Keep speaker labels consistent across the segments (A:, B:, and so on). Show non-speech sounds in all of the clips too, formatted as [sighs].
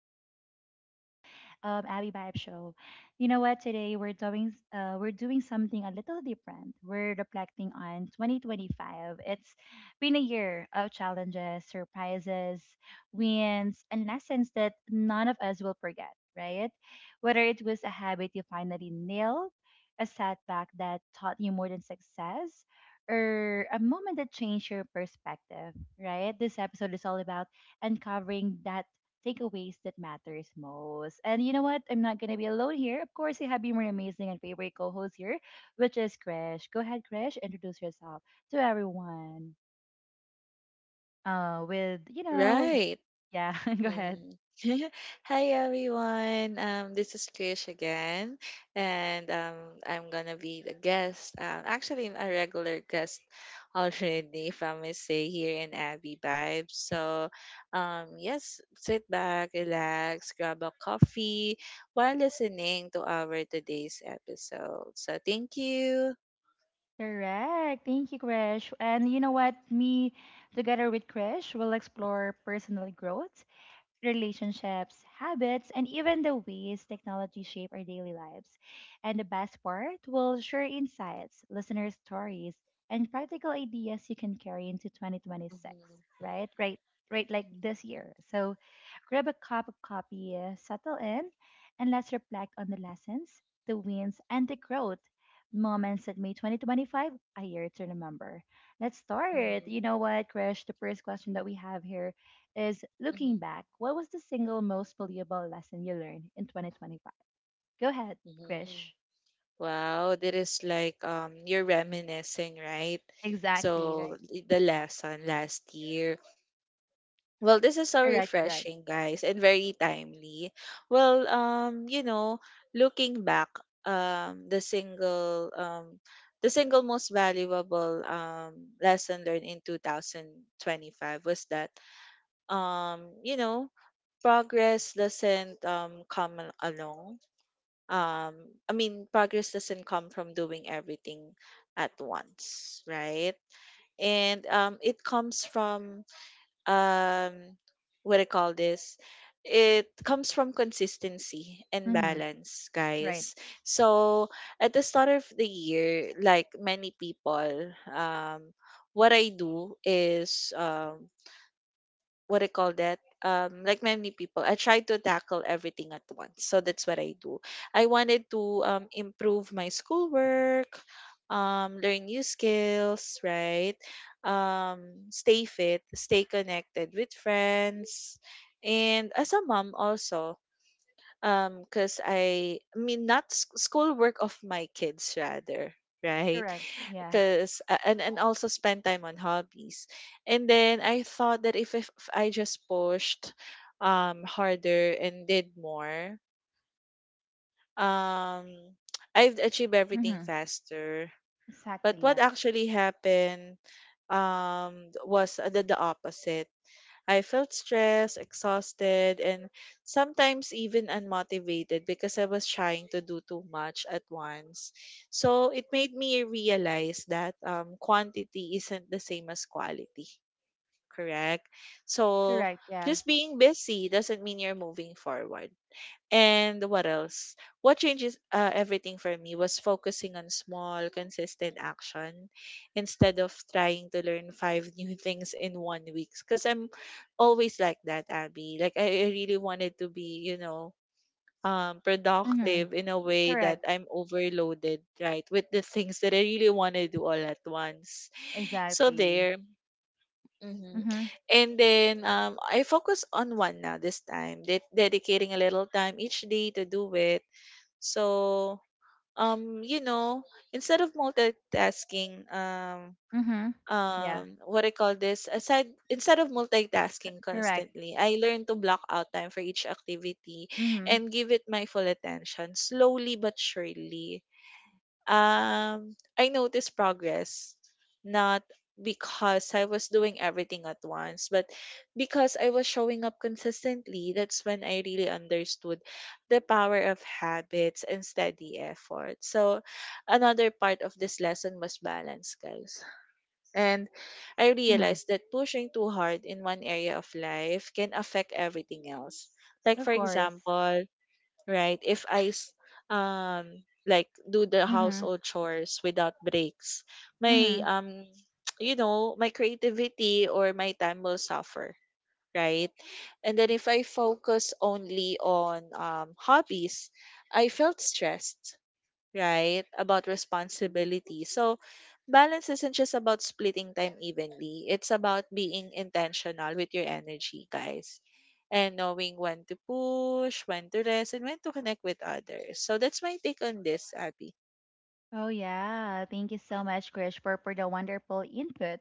A: again, and this is Abby Vibe Show. You know what? Today we're doing something a little different. We're reflecting on 2025. It's been a year of challenges, surprises, wins, and lessons that none of us will forget, right? Whether it was a habit you finally nailed, a setback that taught you more than success, or a moment that changed your perspective, right? This episode is all about uncovering that takeaways that matters most. And you know what? I'm not gonna be alone here. Of course, you have been my amazing and favorite co-host here, which is Krish. Go ahead, Krish, introduce yourself to everyone. Uh, with you know,
B: Right.
A: yeah, [laughs] go ahead.
B: Mhm. [laughs] Hi everyone. This is Krish again, and I'm gonna be the guest. Actually, a regular guest [laughs] already from my say here in Abby Vibes. So, yes, sit back, relax, grab a coffee while listening to our today's episode. So, thank you.
A: Correct. Thank you, Krish. And you know what? Me, together with Krish, will explore personal growth relationships, habits, and even the ways technology shape our daily lives. And the best part, we'll share insights, listener stories, and practical ideas you can carry into 2026,
B: Mhm.
A: right? Right, right, like
B: Mhm.
A: this year. So grab a cup of coffee, settle in, and let's reflect on the lessons, the wins, and the growth moments that made 2025 a year to remember. Let's start. You
B: Mhm.
A: know what, Krish? The first question that we have here is looking
B: Mhm.
A: back, what was the single most valuable lesson you learned in 2025? Go ahead,
B: Mhm.
A: Krish.
B: Wow, that is like you're reminiscing, right? So,
A: Exactly, right.
B: the lesson last year. Well, this is so
A: Correct, correct.
B: refreshing, guys, and very timely. Well, looking back, um, the single um the single most valuable lesson learned in 2025 was that, um, you know, progress doesn't come along um I mean progress doesn't come from doing everything at once, right. And it comes from um what I call this it comes from consistency and
A: Mm-hmm.
B: balance,
A: Right.
B: guys. So, at the start of the year, like many people, what I do is, what do you call that? Like many people, I try to tackle everything at once. So that's what I do. I wanted to improve my schoolwork, learn new skills, right? Stay fit, stay connected with friends, and as a mom also, because I mean not school work of my kids rather, right?
A: Correct.
B: [laughs]
A: Yeah.
B: Because and also spend time on hobbies. And then I thought that if I just pushed harder and did more um [tsk] I'd achieve everything
A: Mm-hmm.
B: faster. But
A: Exactly,
B: what
A: yeah.
B: actually happened was the opposite. I felt stressed, exhausted, and sometimes even unmotivated because I was trying to do too much at once. So it made me realize that, quantity isn't the same as quality, correct? So
A: Correct, yeah.
B: just being busy doesn't mean you're moving forward. And what else? What changes, everything for me was focusing on small, consistent action instead of trying to learn five [laughs] new things in one week. Because I'm always like that, Abby. Like, I really wanted to be,
A: Mm-hmm.
B: productive in a way that
A: Correct.
B: I'm overloaded, right, with the things that I really want to do all at once. So,
A: Exactly.
B: there. hmm
A: Mm-hmm.
B: and then, I focus on one now, this time, dedicating a little time each day to do it. So, um, you know, instead of multitasking, um,
A: Mm-hmm. Yeah.
B: what I call this, aside instead of
A: C-
B: multitasking
A: correct.
B: constantly, I learned to block out time for each activity
A: Mm-hmm.
B: and give it my full attention. Slowly but surely, I noticed progress, not because I was doing everything at once, but because I was showing up consistently. That's when I really understood the power of habits and steady effort. So, another part of this lesson was balance, guys. And I
A: Mm-hmm.
B: realized that pushing too hard in one area of life can affect everything else. Like, for
A: Of course.
B: example, right? If I, like, do the
A: Mm-hmm.
B: household chores without breaks, my
A: Mm-hmm.
B: [tsk] my creativity or my time will suffer, right? And then if I focus only on hobbies, I felt stressed, right? About responsibility. So, balance isn't just about splitting time evenly, it's about being intentional with your energy, guys, and knowing when to push, when to rest, and when to connect with others. So, that's my take on this, Abby.
A: Oh, yeah. Thank you so much, Krish, for the wonderful input.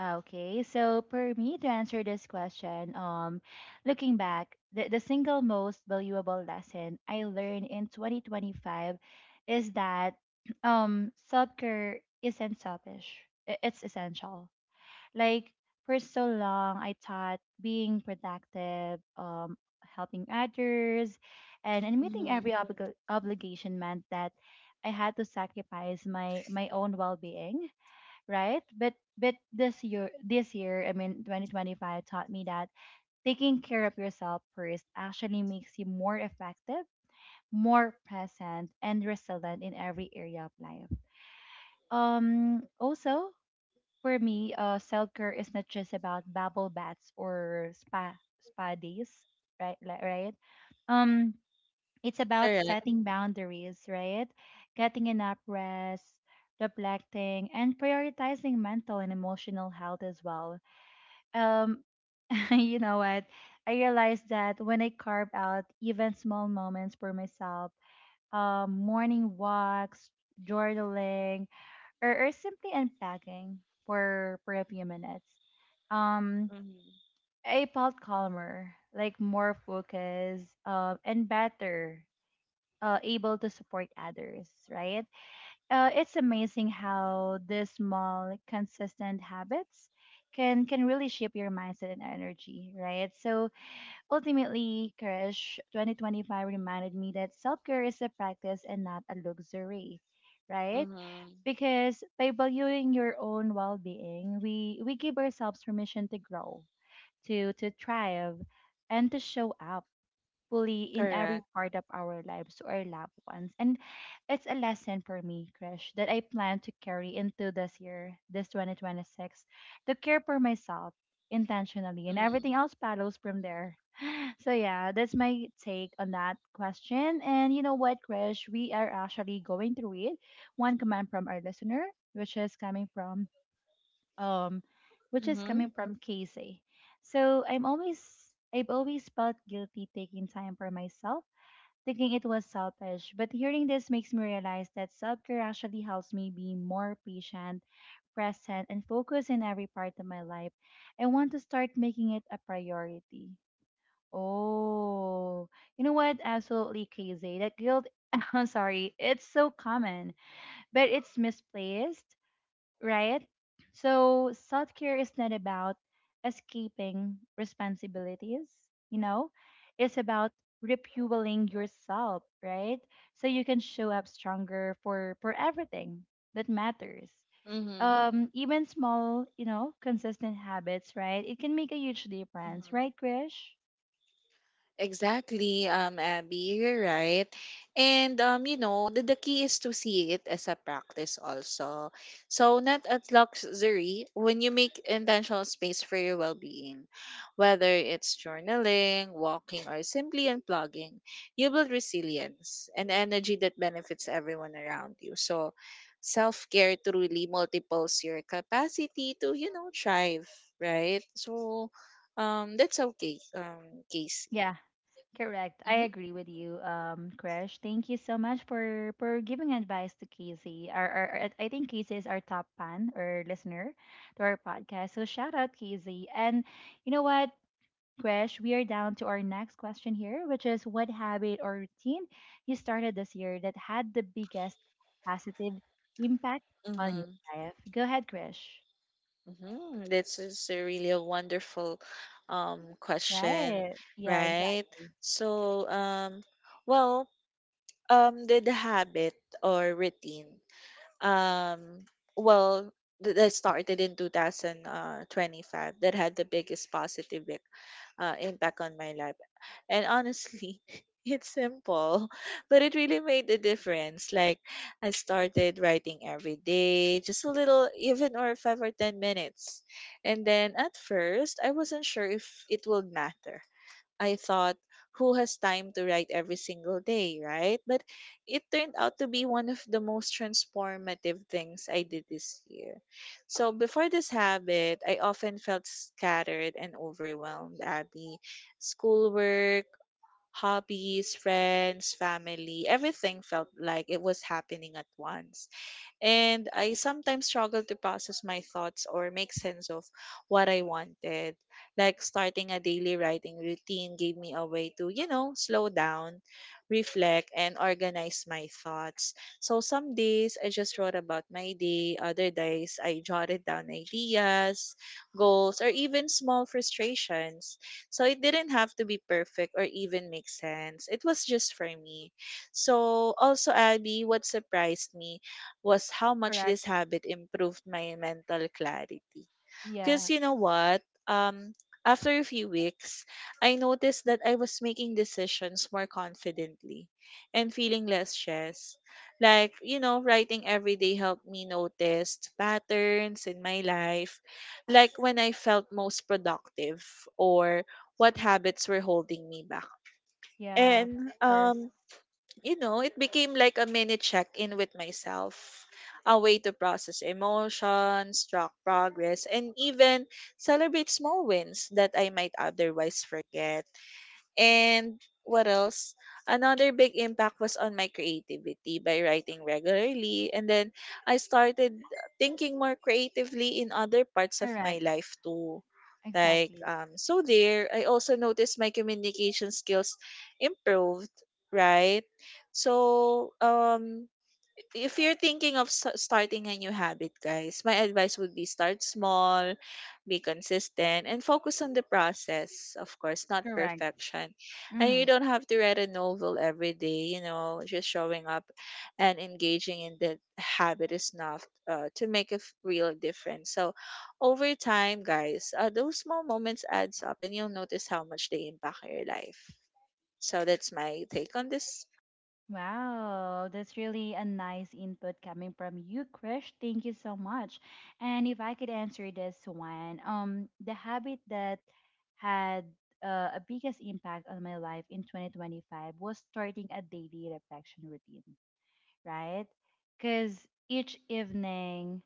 A: Okay, so for me to answer this question, looking back, the single most valuable lesson I learned in 2025 is that [clears throat] self care isn't selfish, it's essential. Like for so long, I thought being productive, helping others, and meeting
B: Mm-hmm.
A: every obligation meant that I had to sacrifice my own well being, right? But this year, I mean, 2025 taught me that taking care of yourself first actually makes you more effective, more present, and resilient in every area of life. Also, for me, self care is not just about bubble baths or spa days, right? Like, right? Um, it's about
B: Correct.
A: setting boundaries, right? Getting enough rest, reflecting, and prioritizing mental and emotional health as well. Um, [laughs] you know what? I realized that when I carve out even small moments for myself, morning walks, journaling, or simply unpacking for a few minutes. Um,
B: Mm-hmm.
A: I felt calmer, like more focused, and better, able to support others. Right? It's amazing how these small, consistent habits can really shape your mindset and energy. Right? So ultimately, Krish, 2025 reminded me that self care is a practice and not a luxury. Right?
B: Mm-hmm.
A: Because by valuing your own well-being we give ourselves permission to grow to thrive and to show up fully in every
B: Correct.
A: part of our lives to our loved ones. And it's a lesson for me, Krish, that I plan to carry into this year, this 2026, to care for myself intentionally, and
B: Mm-hmm.
A: everything else follows from there. [sighs] So yeah, that's my take on that question. And you know what, Krish, we are actually going through it. One comment from our listener, which is coming from um,
B: Mm-hmm.
A: Casey. So I'm always I've always felt guilty taking time for myself, thinking it was selfish. But hearing this makes me realize that self-care actually helps me be more patient, present, and focused in every part of my life. I want to start making it a priority. Oh, you know what? Absolutely crazy. That guilt. [laughs] I'm sorry. It's so common, but it's misplaced right? So self care is not about escaping responsibilities, you know, it's about refueling yourself, right? So you can show up stronger for everything that matters. Even small, you know, consistent habits, right? It can make a huge difference, right,
B: Mm-hmm.
A: Krish?
B: Exactly, Abby, you're right. And, the key is to see it as a practice also. So not as luxury. When you make intentional space for your well-being, whether it's journaling, walking, or simply unplugging, you build resilience and energy that benefits everyone around you. So self-care truly multiples your capacity to, thrive, right? So, that's okay, Casey.
A: Yeah. Correct. I
B: Mhm,
A: agree with you, Krish. Thank you so much for giving advice to Casey. I think Casey is our top fan or listener to our podcast. So shout out Casey. And you know what, Krish, we are down to our next question here, which is what habit or routine you started this year that had the biggest positive impact on your
B: mhm,
A: life? Go ahead, Krish.
B: mhm. This is a really a wonderful question,
A: Right. Yeah,
B: right?
A: exactly.
B: So, well, the habit or routine, um, well, that started in 2025 that had the biggest positive, impact on my life. And honestly, [laughs] it's simple, [laughs] but it really made a difference. Like, I started writing every day, just a little, even or 5 or 10 minutes. And then at first, I wasn't sure if it would matter. I thought, who has time to write every single day, right? But it turned out to be one of the most transformative things I did this year. So before this habit, I often felt scattered and overwhelmed, Abby. Schoolwork, hobbies, friends, family, everything felt like it was happening at once. And I sometimes struggle to process my thoughts or make sense of what I wanted. Like, starting a daily writing routine gave me a way to, slow down, reflect, and organize my thoughts. So some days I just wrote about my day, other days I jotted down ideas, goals, or even small frustrations. So it didn't have to be perfect or even make sense. It was just for me. So also Abby, what surprised me was how much
A: Correct.
B: this habit improved my mental clarity. Because,
A: Yeah.
B: you know what? Um, After a few weeks, I noticed that I was making decisions more confidently and feeling less stressed. Like, writing every day helped me notice patterns in my life, like when I felt most productive or what habits were holding me back.
A: Yeah, of
B: And,
A: course.
B: it became like a mini check in with myself, a way to process emotions, track progress, and even celebrate small wins that I might otherwise forget. And what else? Another big impact was on my creativity by writing regularly. And then I started thinking more creatively in other parts of my
A: Correct.
B: life too. Like,
A: Exactly.
B: so there, I also noticed my communication skills improved, right? So, if you're thinking of starting a new habit, guys, my advice would be start small, be consistent, and focus on the process, of course, not
A: Correct.
B: perfection. And you
A: Mm-hmm.
B: don't have to read a novel every day, just showing up and engaging in the habit is enough, to make a real difference. So, over time, guys, those small moments adds up, and you'll notice how much they impact your life. So, that's my take on this.
A: Wow, that's really a nice input coming from you, Krish. Thank you so much. And if I could answer this one, the habit that had a biggest impact on my life in 2025 was starting a daily reflection routine, right? Because each evening,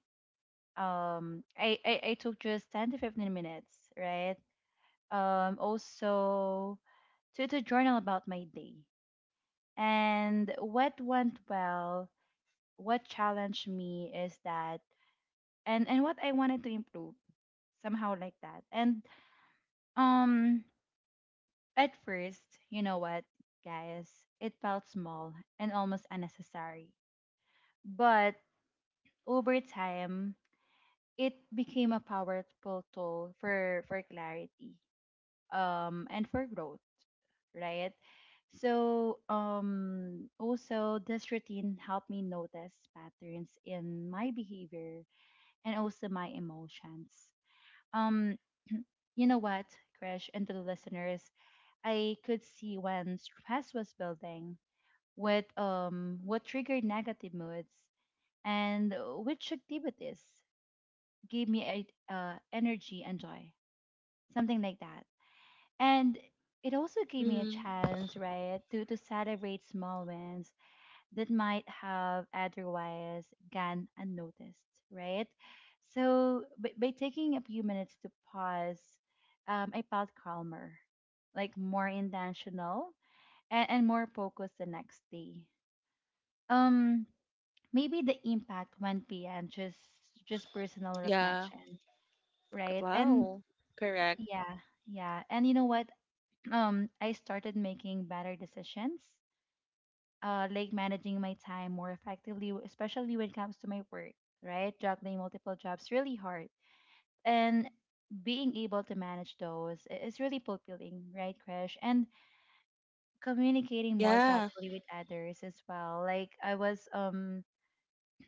A: um, I took just 10 to 15 minutes, right? Also to journal about my day and what went well, what challenged me is that and what I wanted to improve somehow like that. And um at first, you know what, guys, it felt small and almost unnecessary. But over time, it became a powerful tool for clarity and for growth, right? So, also, this routine helped me notice patterns in my behavior and also my emotions. Um, you know what, Krish, and to the listeners, I could see when stress was building, what triggered negative moods, and which activities gave me a, energy and joy, something like that. And it also gave me a
B: Hmm.
A: chance, right, to celebrate small wins that might have otherwise gone unnoticed, right? So by taking a few minutes to pause, I felt calmer, like more intentional and more focused the next day. Um, maybe the impact went beyond just personal
B: Yeah.
A: reflection, right? And
B: Wow. Correct.
A: yeah, yeah. And you know what? Um, I started making better decisions, like managing my time more effectively, especially when it comes to my work, right? Juggling multiple jobs really hard. And being able to manage those is really fulfilling, right, Crash? And communicating more
B: Yeah.
A: thoughtfully with others as well.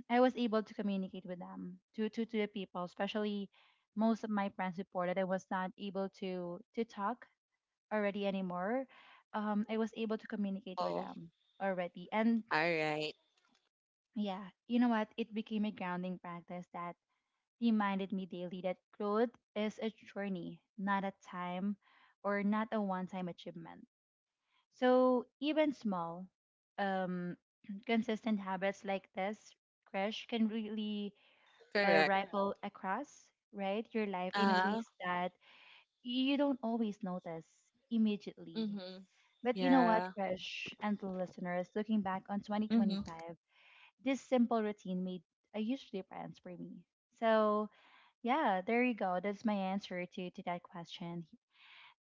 A: I was able to communicate with them to the people, especially most of my friends reported I was not able to talk already anymore, I was able to communicate with
B: Oh,
A: them already. And
B: all right.
A: yeah, you know what? It became a grounding practice that reminded me daily that growth is a journey, not a time or not a one time achievement. So even small, um, [clears throat] consistent habits like this, crash can really
B: Correct.
A: ripple across right your life in
B: Uh-huh.
A: ways that you don't always notice immediately.
B: Mm-hmm.
A: But you know what,
B: Yeah.
A: Krish and the listeners, looking back on
B: Mm-hmm.
A: 2025, this simple routine made a huge difference for me. So, yeah, there you go. That's my answer to that question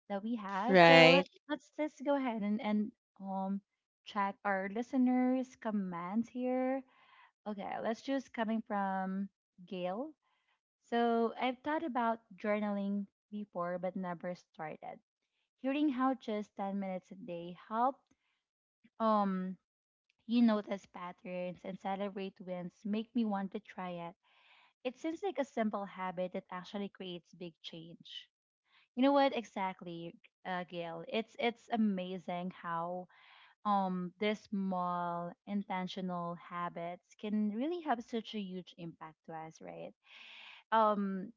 A: that we have. So,
B: Right.
A: let's just go ahead and um check our listeners' comments here. Okay, let's just coming from Gail. So, I've thought about journaling before but never started. Hearing how just 10 minutes a day helped um you notice patterns and celebrate wins make me want to try it. It seems like a simple habit that actually creates big change. You know what exactly, Gail? It's amazing how these small intentional habits can really have such a huge impact to us, right? Um,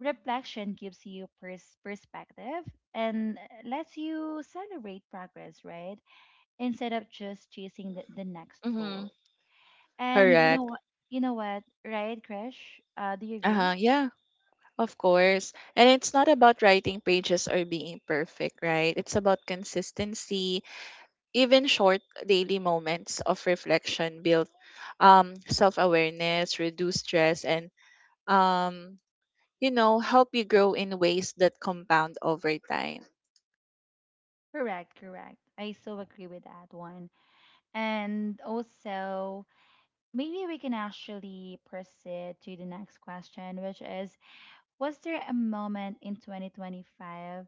A: reflection gives you perspective and lets you celebrate progress, right? Instead of just chasing the next
B: Mm-hmm.
A: goal and you know
B: Correct.
A: what? You know what? Right, Krish? Do you agree?
B: Uh-huh. Yeah. Of course. And it's not about writing pages or being perfect, right? It's about consistency. Even short daily moments of reflection build self-awareness, reduce stress, and, um, help you grow in ways that compound over time.
A: Correct, correct. I so agree with that one. And also, maybe we can actually proceed to the next question, which is, was there a moment in 2025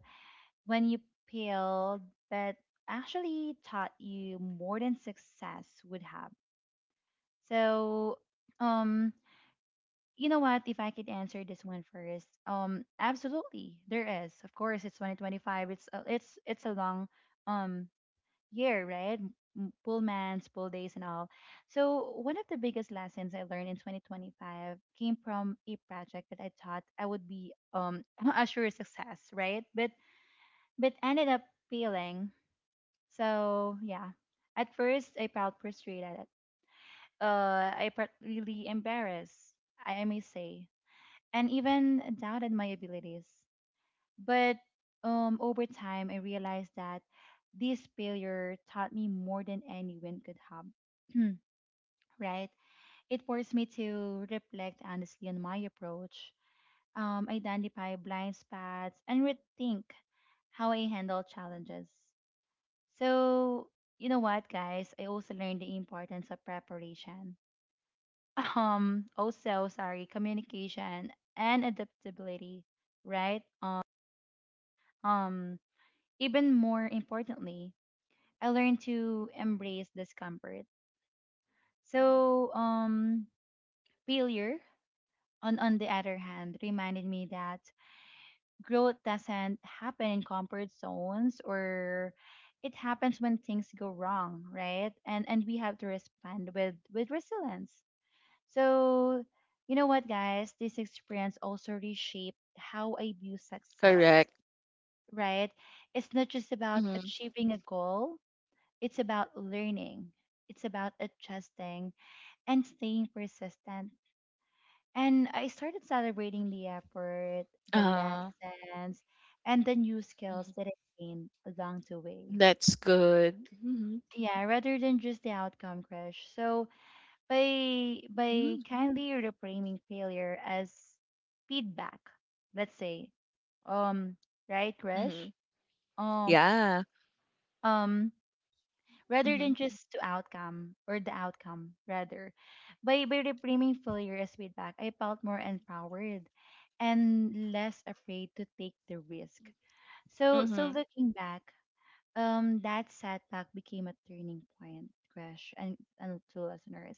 A: when you failed but actually taught you more than success would have? So, um, you know what? If I could answer this one first, absolutely, there is. Of course, it's 2025. It's a long um year, right? Full months, full days, and all. So one of the biggest lessons I learned in 2025 came from a project that I thought I would be [laughs] a sure success, right? But ended up failing. So yeah, at first I felt frustrated. I felt really embarrassed. I may say and even doubted my abilities. But over time, I realized that this failure taught me more than any win could have. [clears throat] Right? It forced me to reflect honestly on my approach, identify blind spots, and rethink how I handle challenges. So, you know what, guys? I also learned the importance of preparation. [laughs] Also, sorry, communication and adaptability, right? Um, even more importantly, I learned to embrace discomfort. So, failure, on the other hand, reminded me that growth doesn't happen in comfort zones, or it happens when things go wrong, right? And we have to respond with resilience. So, you know what, guys? This experience also reshaped how I view success,
B: Correct.
A: right? It's not just about
B: Mm-hmm.
A: achieving a goal. It's about learning, it's about adjusting and staying persistent. And I started celebrating the effort, the
B: Uh,
A: lessons, and the new skills
B: mhm.
A: that I gained along the way.
B: That's good. Mm-hmm.
A: Yeah, rather than just the outcome crash. So by
B: Mm-hmm.
A: kindly reframing failure as feedback, let's say, um, right,
B: Mm-hmm.
A: crash, um,
B: Yeah.
A: um, rather
B: Mm-hmm.
A: than just to outcome, or the outcome rather. By reframing failure as feedback, I felt more empowered and less afraid to take the risk. So
B: Mm-hmm.
A: looking back, that setback became a turning point, crash, and to listeners.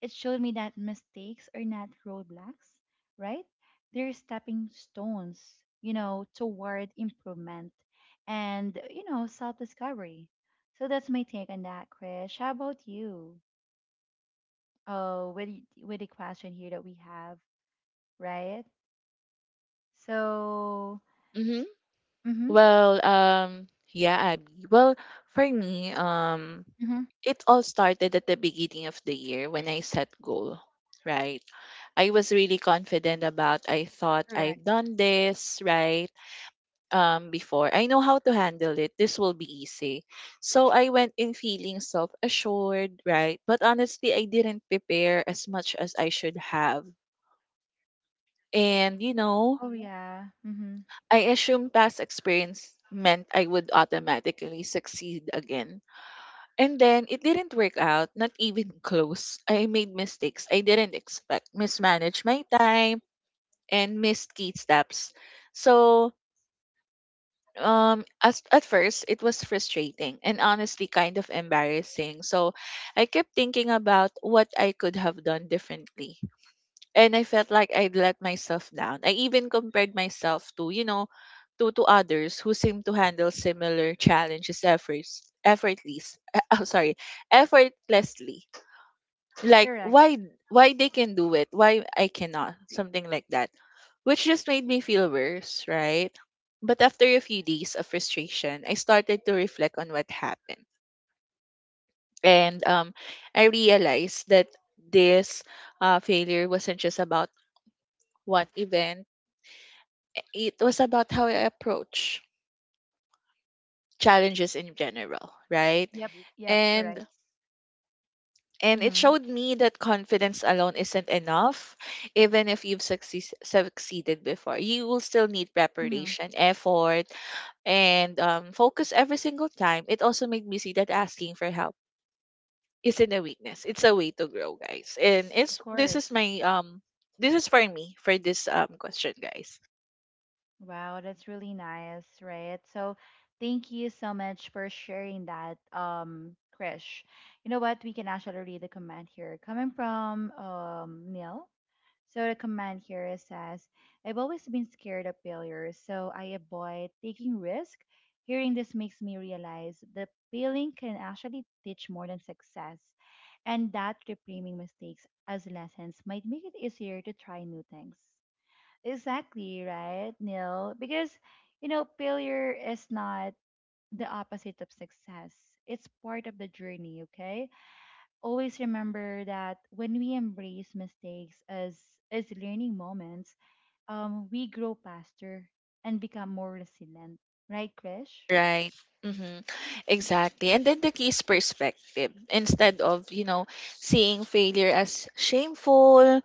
A: It showed me that mistakes are not roadblocks, right? They're stepping stones, you know, toward improvement and, you know, self discovery. So that's my take on that, Krish. How about you? Oh, with the question here that we have, right? So,
B: Mm-hmm.
A: mm-hmm,
B: Well, yeah, Abby. Well, for me,
A: mm-hmm,
B: it all started at the beginning of the year when I set goal, right? I was really confident about, I thought
A: correct.
B: I've done this, right? Before. I know how to handle it. This will be easy. So I went in feeling self-assured, right? But honestly, I didn't prepare as much as I should have. And,
A: Oh, yeah, mm-hmm,
B: I assumed past experience meant I would automatically succeed again. And then it didn't work out, not even [laughs] close. I made mistakes I didn't expect, mismanaged my time, and missed key steps. So, at first, it was frustrating and honestly kind of embarrassing. So, I kept thinking about what I could have done differently. And I felt like I'd let myself down. I even compared myself to others who seem to handle similar challenges, [laughs] I'm sorry, effortlessly. Like,
A: correct.
B: why they can do it, why I cannot, something like that, which just made me feel worse, right? But after a few days of frustration, I started to reflect on what happened. And I realized that this, failure wasn't just about one event. It was about how I approach challenges in general, right?
A: Yep, yep, correct.
B: And And it
A: Mm-hmm,
B: showed me that confidence alone isn't enough. Even if you've succeeded before, you will still need
A: mm-hmm,
B: preparation, effort, and, focus every single time. It also made me see that asking for help isn't a weakness. It's a way to grow, guys. And
A: of
B: it's this is
A: course.
B: for me for this question, guys.
A: Wow, that's really nice, right? So thank you so much for sharing that, Krish. You know what? We can actually read the comment here coming from Neil. So the comment here says, I've always been scared of failure, so I avoid taking risk. Hearing this makes me realize that failing can actually teach more than success, and that reframing mistakes as lessons might make it easier to try new things. Exactly, right, Neil? Because, you know, failure is not the opposite of success. It's part of the journey, okay? Always remember that when we embrace mistakes as learning moments, we grow faster and become more resilient. Right, Krish?
B: Right. Mm-hmm. Exactly. And then the key is perspective. Instead of, seeing failure as shameful,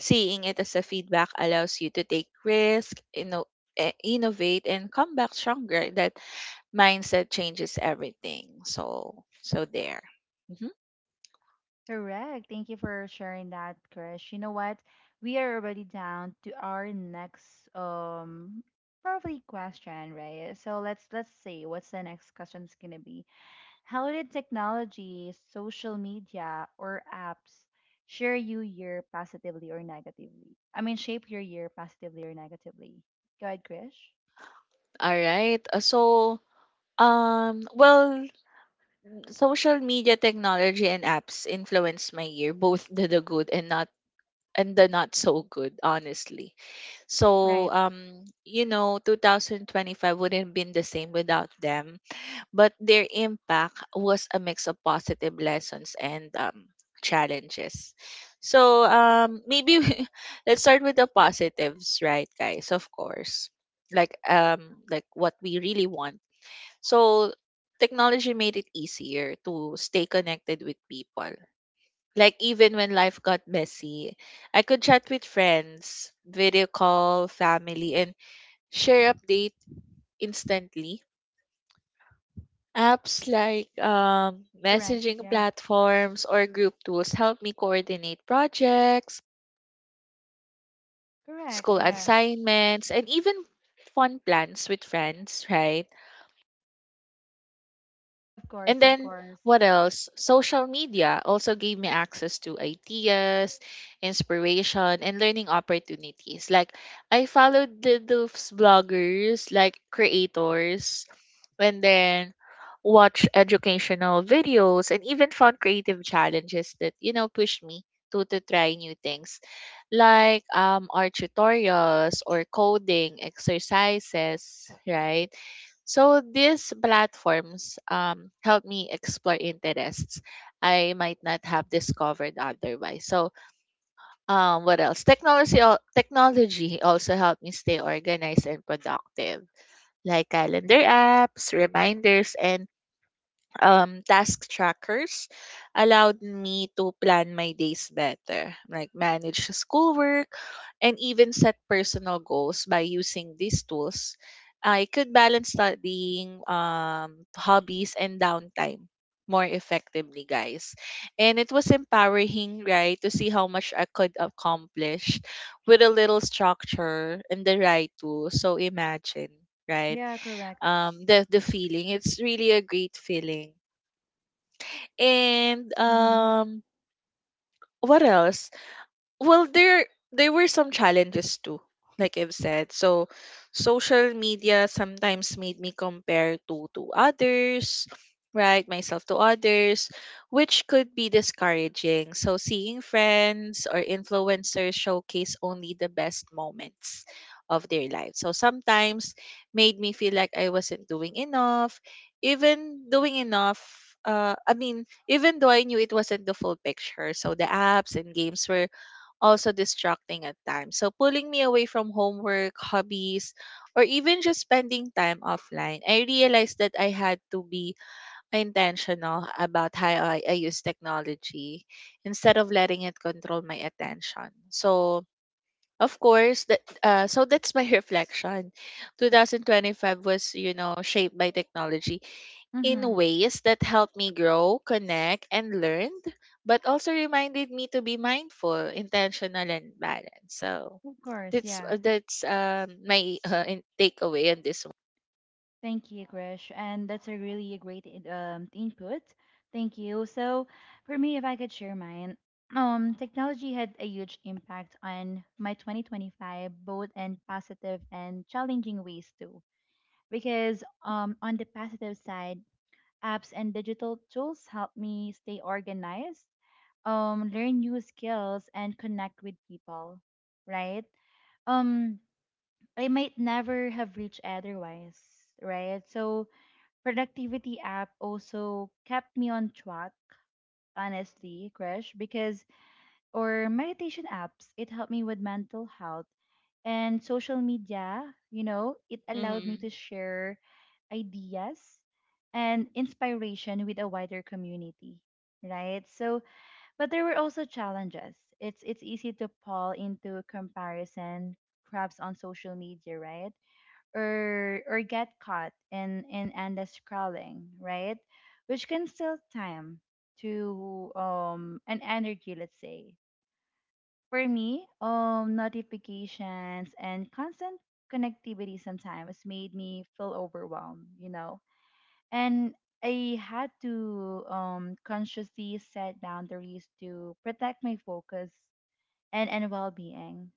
B: seeing it as a feedback allows you to take risk, innovate and come back stronger. That mindset changes everything. So there. Mm-hmm.
A: Correct. Thank you for sharing that, Krish. You know what? We are already down to our next probably question, right? So let's see what's the next question's gonna be. How did technology, social media, or apps share you year positively or negatively? I mean, shape your year positively or negatively. Go ahead, Krish.
B: All right. So, well, social media, technology, and apps influenced my year, both the good and the not so good, honestly. So,
A: Right.
B: 2025 wouldn't have been the same without them. But their impact was a mix of positive lessons and, challenges. So, maybe [laughs] let's start with the positives, right, guys? Of course, like what we really want. So, technology made it easier to stay connected with people, like even when life got messy. I could chat with friends, video call, family, and share update instantly. Apps like
A: Correct.
B: messaging
A: Yeah.
B: platforms or group tools help me coordinate projects,
A: Correct.
B: school
A: Yeah.
B: assignments, and even fun plans with friends, right?
A: Of
B: And
A: course. Of
B: then
A: course.
B: what else? Social media also gave me access to ideas, inspiration, and learning opportunities. Like I followed those bloggers, like creators, and then watch educational videos and even found creative challenges that, you know, pushed me to try new things. Like art tutorials or coding exercises, right? So these platforms help me explore interests I might not have discovered otherwise. So what else? Technology also helped me stay organized and productive, like calendar apps, reminders, and task trackers allowed me to plan my days better, like manage schoolwork and even set personal goals by using these tools. I could balance studying, hobbies and downtime more effectively, guys. And it was empowering, right, to see how much I could accomplish with a little structure and the right tools. So imagine, right?
A: Yeah. Correct.
B: The feeling. It's really a great feeling, and
A: Mm-hmm.
B: what else? Well, there were some challenges too, like I've said. So social media sometimes made me compare to others, right, myself to others, which could be discouraging. So seeing friends or influencers showcase only the best moments of their life, so sometimes made me feel like I wasn't doing enough, I mean, even though I knew it wasn't the full picture. So the apps and games were also distracting at times, so pulling me away from homework, hobbies, or even just spending time offline. I realized that I had to be intentional about how I use technology instead of letting it control my attention. So of course that so that's my [laughs] reflection. 2025 was, you know, shaped by technology in
A: Mm-hmm.
B: ways that helped me grow, connect, and learn, but also reminded me to be mindful, intentional, and balanced. So
A: Of course, yeah.
B: that's my [laughs] takeaway on this one.
A: Thank you, Krish. And that's a really great in- input. Thank you. So, for me, if I could share mine, technology had a huge impact on my 2025, both in positive and challenging ways too. Because on the positive side, apps and digital tools help me stay organized, learn new skills, and connect with people, right? Um, I might never have reached otherwise, right? So productivity app also kept me on track, honestly, Krish, because or meditation apps, it helped me with mental health and social media, you know, it allowed me
B: Mm-hmm.
A: to share ideas and inspiration with a wider community, right? So, but there were also challenges. It's easy to fall into comparison, perhaps on social media, right? Or get caught in endless scrolling, right? Which can steal time to and energy, let's say. For me, notifications and constant connectivity sometimes made me feel overwhelmed, you know. And I had to consciously set boundaries to protect my focus and well-being.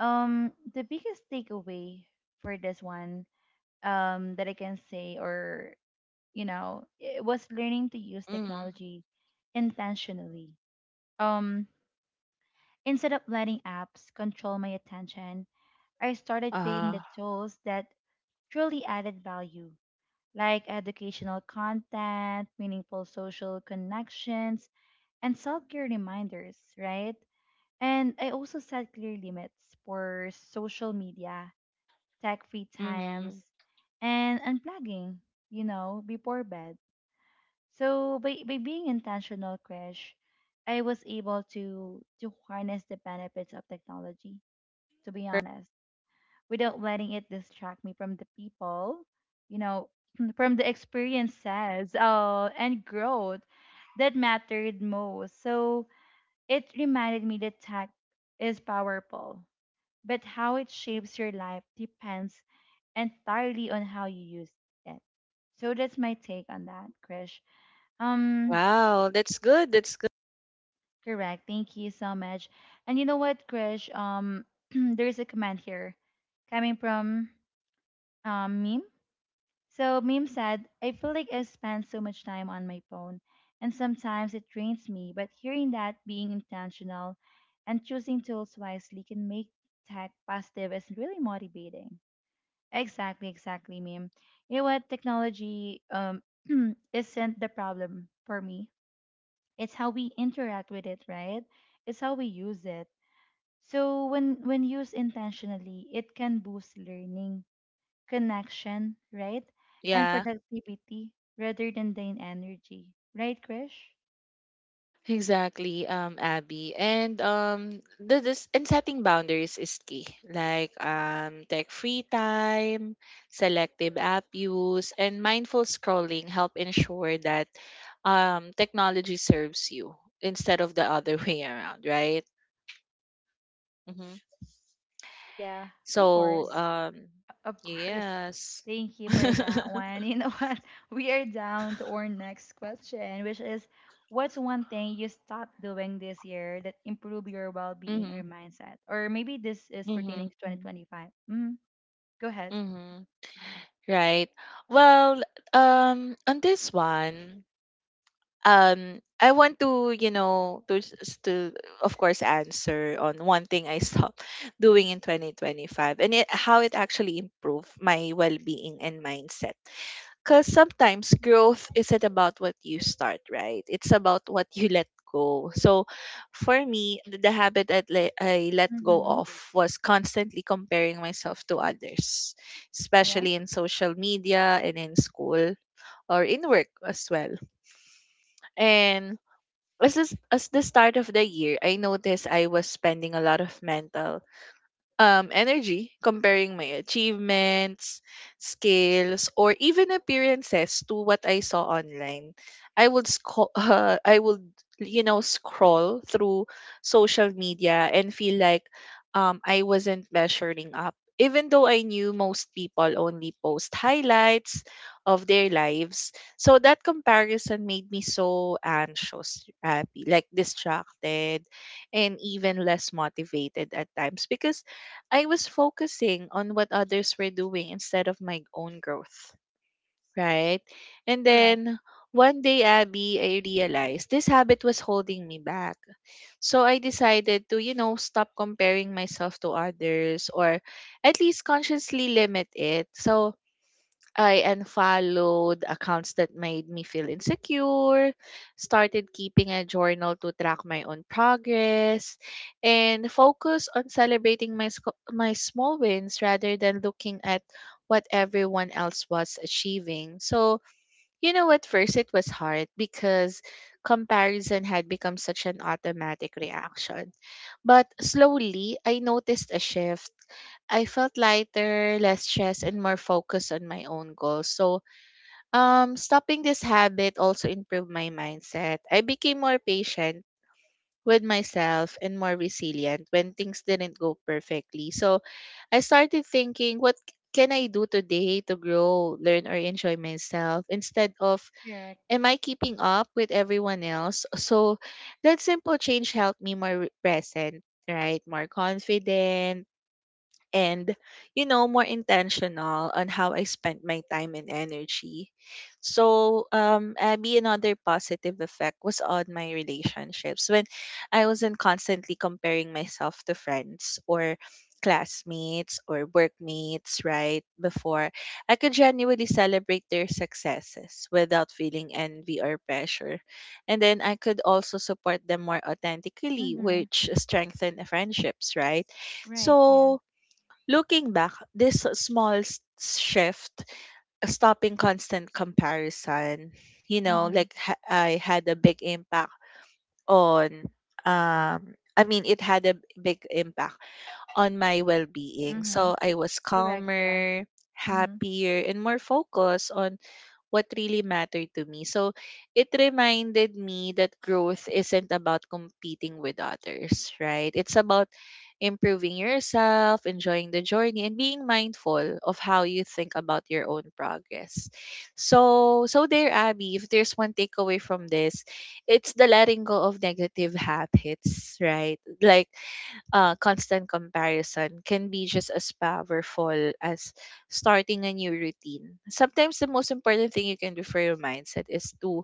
A: The biggest takeaway for this one, that I can say, or you know, it was learning to use
B: Mm-hmm.
A: technology intentionally. Um, Instead of letting apps control my attention, I started picking
B: Uh,
A: the tools that truly added value, like educational content, meaningful social connections, and self care reminders, right? And I also set clear limits for social media,
B: okay.
A: tech free times,
B: Mm-hmm.
A: and unplugging, you know, before bed. So by being intentional, Krish, I was able to harness the benefits of technology, to be honest, without letting it distract me from the people, you know, [clears throat] from the experiences, and growth that mattered most. So it reminded me that tech is powerful, but how it shapes your life depends entirely on how you use it. So that's my take on that, Krish. Um,
B: Wow, that's good. That's good.
A: Correct. Thank you so much. And you know what, Krish? [clears throat] There's a comment here coming from Meme. So Meme said, I feel like I spend so much time on my phone and sometimes it drains me, but hearing that being intentional and choosing tools wisely can make tech positive is really motivating. Exactly, exactly, Meme. You know what? Technology [clears throat] isn't the problem for me. It's how we interact with it, right? It's how we use it. So when used intentionally, it can boost learning, connection, right? And
B: Yeah.
A: productivity rather than drain energy. Right, Krish?
B: Exactly, Abby. And the this and setting boundaries is key. Like tech free time, selective app use, and mindful scrolling help ensure that technology serves you instead of the other [laughs] way around, right? Hmm.
A: Yeah, of course.
B: So um,
A: Of course.
B: yes.
A: Thank you
B: [laughs]
A: for that one. You know [laughs] what? We are down to our next question, which is, what's one thing you stopped doing this year that improved your well-being
B: Mm-hmm.
A: or mindset? Or maybe this is pertaining
B: Mm-hmm.
A: to 2025. Mm, go ahead.
B: Mm-hmm. Right. Well, on this one, I want to, you know, to s- to of course answer on one thing I stopped [laughs] doing in 2025, and it, how it actually improved my well-being and mindset, because sometimes growth isn't about what you start, right, it's about what you let go. So for me, the habit that I let go of
A: Mm-hmm.
B: was constantly comparing myself to others,
A: Yeah.
B: especially in social media and in school or in work as well. And as the start of the year, I noticed I was spending a lot of mental energy comparing my achievements, skills, or even appearances to what I saw online. [laughs] I would, you know, scroll through social media and feel like I wasn't measuring up, even though I knew most people only post highlights of their lives. So that comparison made me so anxious, happy, like distracted, and even less motivated at times, because I was focusing on what others were doing instead of my own growth, right? And
A: Correct.
B: then one day, Abby, I realized this habit was holding me back. So I decided to, you know, stop comparing myself to others, or at least consciously limit it. So I unfollowed accounts that made me feel insecure, started keeping a journal to track my own progress, and focus on celebrating my small wins rather than looking at what everyone else was achieving. So, you know, at first it was hard because comparison had become such an automatic reaction. But slowly, I noticed a shift. I felt lighter, less stressed, and more focused on my own goals. So, stopping this habit also improved my mindset. I became more patient with myself and more resilient when things didn't go perfectly. So I started thinking, what can I do today to grow, learn, or enjoy myself, instead of,
A: Correct.
B: am I keeping up with everyone else? So that simple change helped me more present, right? More confident and, you know, more intentional on how I spent my time and energy. So, Abby, another positive effect was on my relationships. When I wasn't constantly comparing myself to friends or classmates or workmates, right, before, I could genuinely celebrate their successes without feeling envy or pressure. And then I could also support them more authentically,
A: Mm-hmm.
B: which strengthened the friendships, right?
A: Right. Yeah.
B: So, looking back, this small shift, stopping constant comparison, you know,
A: Mm-hmm.
B: like I had a big impact on, um, I mean, it had a big impact on my well being.
A: Mm-hmm.
B: So I was
A: Correct. Yeah.
B: calmer,
A: Mm-hmm.
B: happier, and more focused on what really mattered to me. So it reminded me that growth isn't about competing with others, right? It's about improving yourself, enjoying the journey, and being mindful of how you think about your own progress. So, so there, Abby, if there's one takeaway from this, it's the letting go of negative habits, right? Like constant comparison can be just as powerful as starting a new routine. Sometimes the most important thing you can do for your mindset is to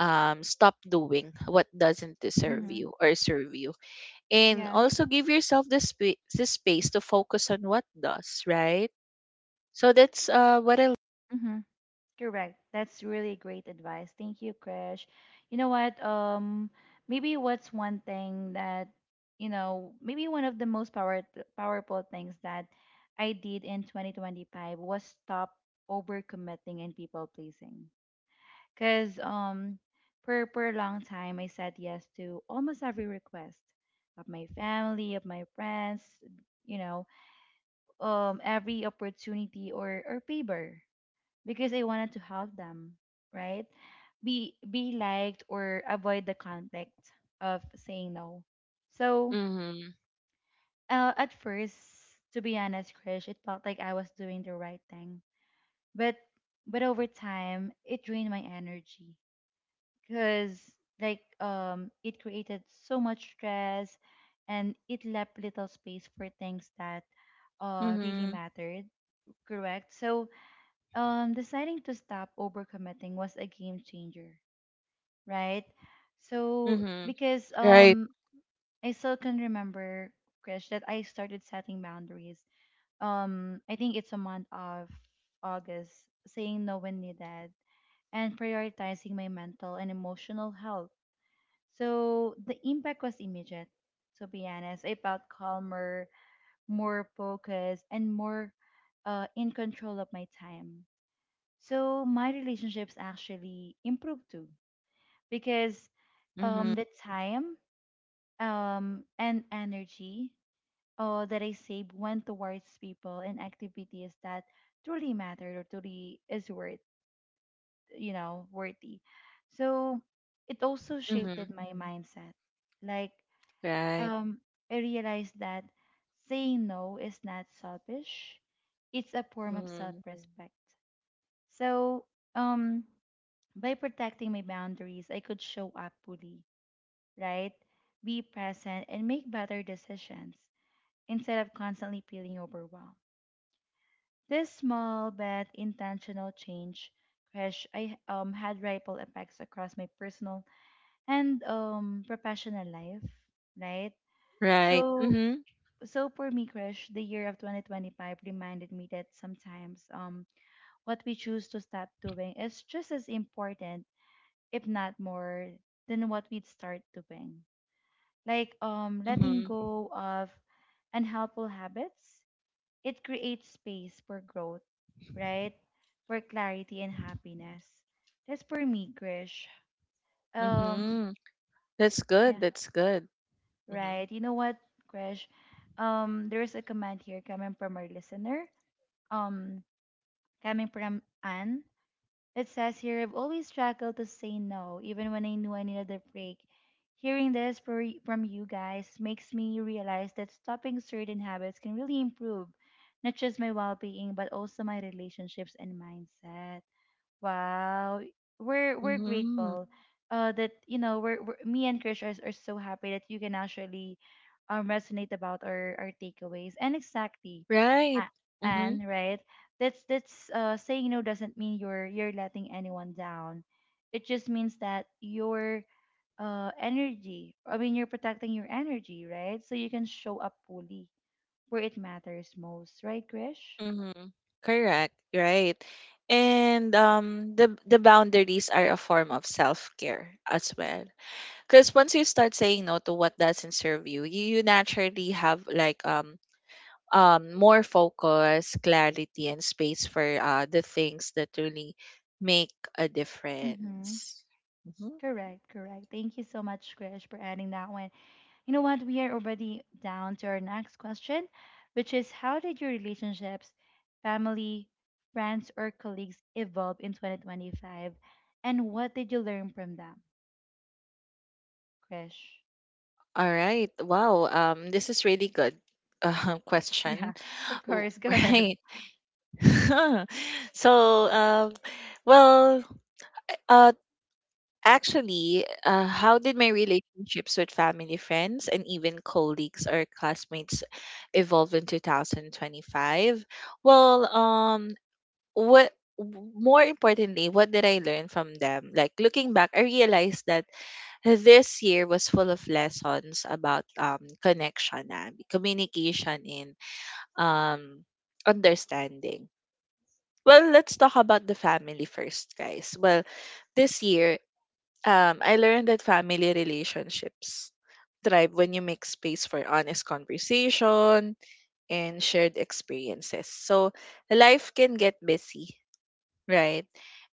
B: stop doing what doesn't deserve
A: Mm-hmm.
B: you or serve you. And
A: Yeah.
B: also give yourself the space to focus on what does, right? So that's what I.
A: Mm-hmm. Correct. That's really great advice. Thank you, Krish. You know what? Maybe what's one thing that, you know, maybe one of the most power powerful things that I did in 2025 was stop overcommitting and people pleasing. Because for a long time, I said yes to almost every request of my family, of my friends, you know, every opportunity or favor, because I wanted to help them, right? Be liked, or avoid the conflict of saying no. So
B: Mm-hmm.
A: at first, to be honest, Krish, it felt like I was doing the right thing. But over time, it drained my energy, because like it created so much stress and it left little space for things that really
B: Mm-hmm.
A: mattered. Correct. So deciding to stop overcommitting was a game changer, right? So
B: Mm-hmm.
A: because
B: Right.
A: I still can remember, Krish, that I started setting boundaries. I think it's a month of August, saying no when needed, and prioritizing my mental and emotional health. So the impact was immediate, to be honest. I felt calmer, more focused, and more in control of my time. So my relationships actually improved too, because
B: Mm-hmm.
A: the time, and energy that I saved went towards people and activities that truly mattered, or truly is worth, you know, worthy. So it also shaped
B: Mm-hmm.
A: my mindset. Like
B: Right.
A: um, I realized that saying no is not selfish, it's a form of self
B: Mm-hmm.
A: respect. So, um, by protecting my boundaries, I could show up fully, right? Be present and make better decisions instead of constantly feeling overwhelmed. This small but intentional change, crash, I had ripple effects across my personal and, professional life, right?
B: Right.
A: So
B: Mm-hmm.
A: for me, Krish, the year of 2025 reminded me that sometimes what we choose to stop doing is just as important, if not more, than what we'd start doing. Like letting
B: Mm-hmm.
A: go of unhelpful habits, it creates space for growth, right? For clarity and happiness. That's for me, Krish. Um
B: Mm-hmm. That's good.
A: yeah,
B: That's good. Mhm.
A: right. You know what, Krish? There's a comment here coming from our listener. Um Coming from Anne, it says here, I've always struggled to say no, even when I knew I needed a break. Hearing this for, from you guys makes me realize that stopping certain habits can really improve not just my well being, but also my relationships and mindset. Wow, we're
B: Mhm.
A: grateful that you know we're me and Krish are so happy that you can actually resonate about our takeaways and exactly,
B: Right.
A: a- and
B: Mhm.
A: right. That's saying no doesn't mean you're letting anyone down. It just means that your energy. I mean, you're protecting your energy, right? So you can show up fully where it matters most, right, Krish?
B: Mhm. Correct. Right. And the boundaries are a form of self-care as well. Cuz once you start saying no to what doesn't serve you, you naturally have like more focus, clarity and space for the things that really make a
A: Mm-hmm.
B: difference. Mhm.
A: Correct, correct. Thank you so much, Krish, for adding that one. You know what? We are already down to our next question, which is, how did your relationships, family, friends, or colleagues evolve in 2025? And what did you learn from them, Krish?
B: All right. Wow. Um, this is really good [laughs]
A: [laughs] Yeah,
B: question.
A: of
B: W-
A: course.
B: [laughs]
A: Go ahead.
B: Right. [laughs] So, um, well, uh, actually, how did my relationships with family, friends, and even colleagues or classmates evolve in 2025? Well, what more importantly, what did I learn from them? Like, looking back, I realized that this year was full of lessons about connection and communication and um, understanding. Well, let's talk about the family first, guys. Well, this year, I learned that family relationships thrive when you make space for honest conversation and shared experiences. So, life can get busy, right?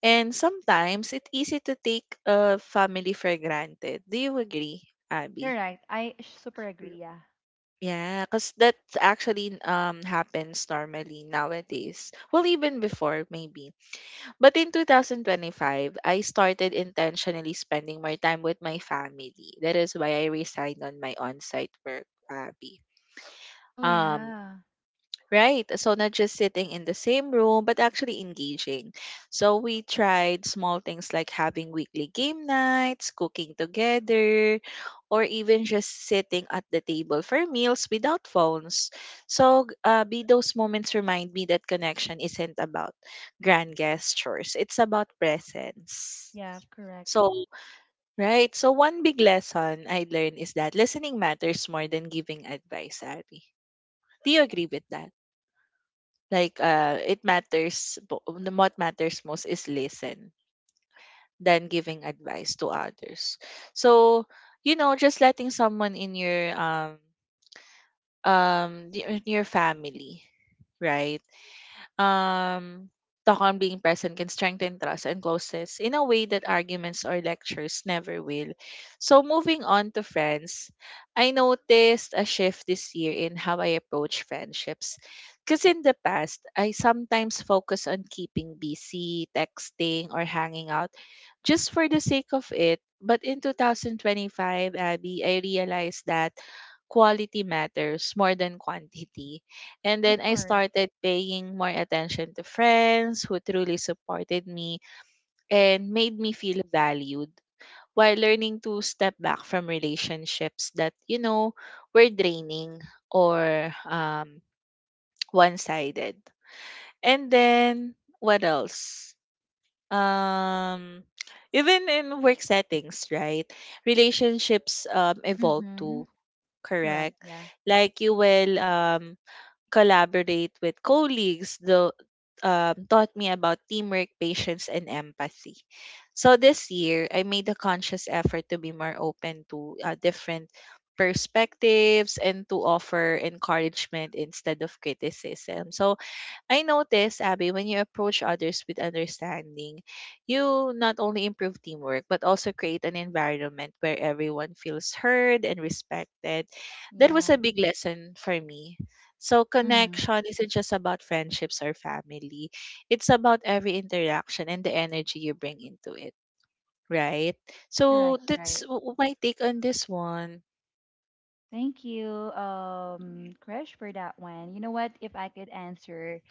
B: And sometimes it's easy to take a family for granted. Do you agree, Abby?
A: Correct. I super agree. Yeah.
B: Yeah, because that actually happens normally nowadays. Well, even before, maybe. But in 2025, I started intentionally spending more time with my family. That is why I resigned on my on-site work, Abby.
A: Oh,
B: Um,
A: yeah.
B: Right. So not just sitting in the same room, but actually engaging. So we tried small things like having weekly game nights, cooking together, or even just sitting at the table for meals without phones. So g- be those moments remind me that connection isn't about grand gestures. It's about presence.
A: Yeah, correct.
B: So, right. So one big lesson I learned is that listening matters more than giving advice, Abby. Do you agree with that? Like it matters. What matters most is listen than giving advice to others. So, you know, just letting someone in your in your family, right, um, talk on being present can strengthen trust and closeness in a way that arguments or lectures never will. So, moving on to friends, I noticed a shift this year in how I approach friendships. Because in the past, I sometimes focus on keeping busy, texting, or hanging out just for the sake of it. But in 2025, Abby, I realized that quality matters more than quantity. And
A: Of
B: then I
A: course.
B: started paying more attention to friends who truly supported me and made me feel valued, while learning to step back from relationships that, you know, were draining or one sided. And then what else? Um, even in work settings, right, relationships evolve
A: Mm-hmm.
B: too,
A: Correct.
B: correct?
A: Yeah.
B: Like you will collaborate with colleagues, though taught me about teamwork, patience, and empathy. So this year, I made a conscious effort to be more open to different perspectives and to offer encouragement instead of criticism. So I notice, Abby, when you approach others with understanding, you not only improve teamwork, but also create an environment where everyone feels heard and respected. That was
A: Yeah.
B: a big lesson for me. So,
A: Mm-hmm.
B: connection isn't just about friendships or family, it's about every interaction and the energy you bring into it, right? So,
A: Correct.
B: that's
A: Right.
B: my take on this one.
A: Thank you, Krish, for that one. You know what? If I could answer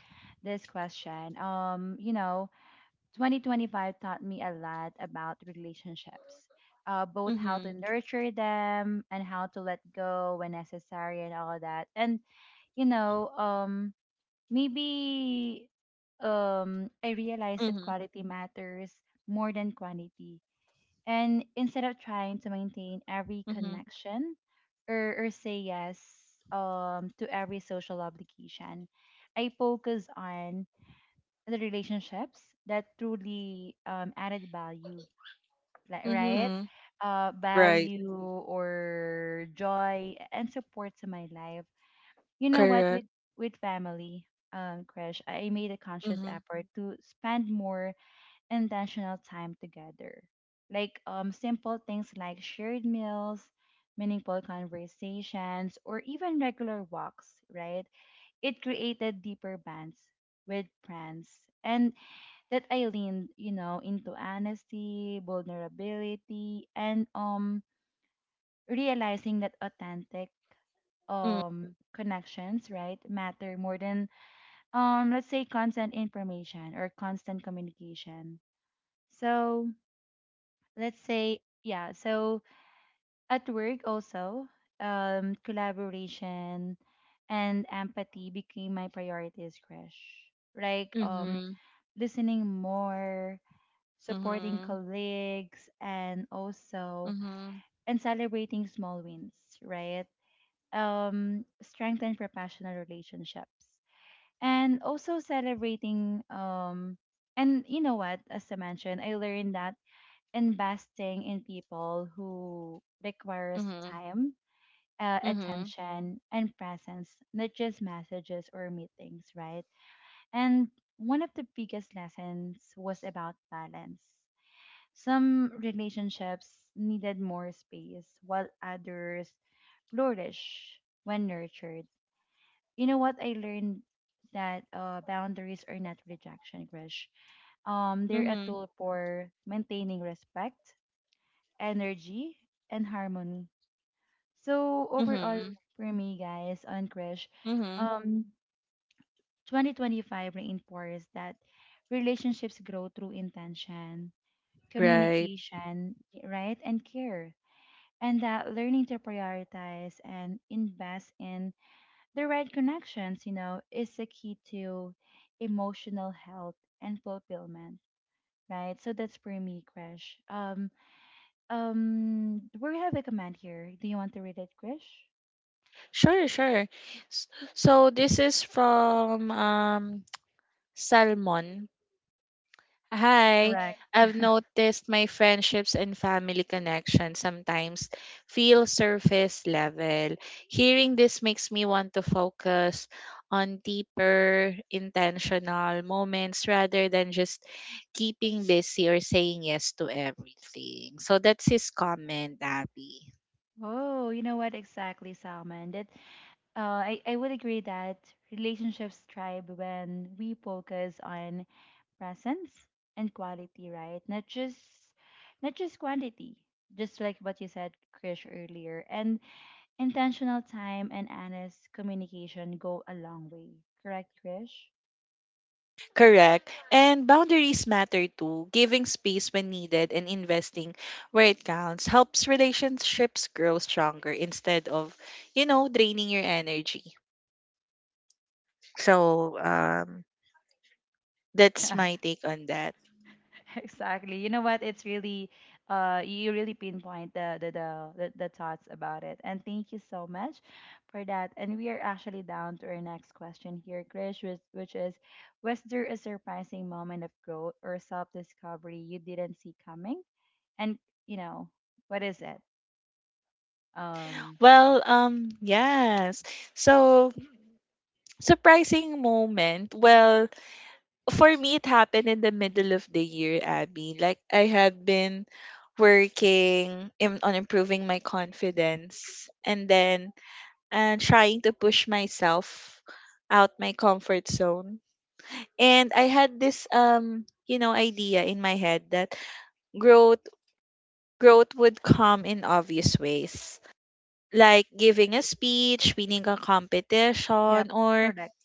A: this question, you know, 2025 taught me a lot about relationships, both how
B: Mm-hmm,
A: to nurture them and how to let go when necessary and all that. And, you know, maybe I realized that
B: mm-hmm,
A: quality matters more than quantity, and instead of trying to maintain every
B: mm-hmm,
A: connection or say yes to every social obligation, I focus on the relationships that truly added value, like, right?
B: mm-hmm. Right,
A: Value or joy and support to my life. You know what?
B: correct.
A: With family, crash, I made a conscious
B: Mm-hmm,
A: effort to spend more intentional time together. Simple things like shared meals, meaningful conversations, or even regular walks, right? It created deeper bonds with friends. And that I leaned, into honesty, vulnerability, and realizing that authentic connections, right, matter more than let's say constant information or constant communication. So let's say yeah so at work also, collaboration and empathy became my priorities, crash, like
B: mm-hmm.
A: listening more, supporting
B: Mhm,
A: colleagues, and also
B: mhm,
A: and celebrating small wins, right? Strengthen professional relationships and also celebrating, and you know what, as I mentioned, I learned that investing in people who requires
B: mhm,
A: time,
B: mhm,
A: attention, and presence, not just messages or meetings, right? And one of the biggest lessons was about balance. Some relationships needed more space, while others flourish when nurtured. You know what I learned, that boundaries are not rejection, Krish. They're a
B: mhm,
A: tool for maintaining respect, energy, and harmony. So overall,
B: mhm,
A: for me, guys, on Krish,
B: mhm.
A: um, 2025 reinforced that relationships grow through intention,
B: Right.
A: communication, right, and care. And that learning to prioritize and invest in the right connections, you know, is the key to emotional health and fulfillment, right? So that's for me, Krish. We have a comment here. Do you want to read it, Krish?
B: Sure, sure. S- So this is from [tsk] Salmon. Hi,
A: Correct.
B: I've noticed my friendships and family connections sometimes feel surface level. Hearing this makes me want to focus on deeper, intentional moments rather than just keeping busy or saying yes to everything. So that's his comment, Abby.
A: Oh, you know what, exactly, Salman? That I would agree that relationships thrive when we focus on presence and quality, right? Not just quantity, just like what you said, Krish, earlier. And intentional time and honest communication go a long way. Correct, Krish?
B: Correct. And boundaries matter too. Giving space when needed and investing where it counts helps relationships grow stronger instead of, draining your energy. So, that's my
A: [laughs]
B: take on that.
A: [laughs] Exactly. You know what? It's really, you really pinpoint the thoughts about it. And thank you so much for that. And we are actually down to our next question here, Krish, which is, was there a surprising moment of growth or self discovery you didn't see coming? And you know, what is it? Um,
B: Well, yes. So, surprising moment. Well, for me, it happened in the middle of the year, Abby. Like, I had been on improving my confidence. And then and trying to push myself out my comfort zone. And I had this idea in my head that growth growth would come in obvious ways. Like giving a speech, winning a
A: Yep,
B: competition,
A: correct.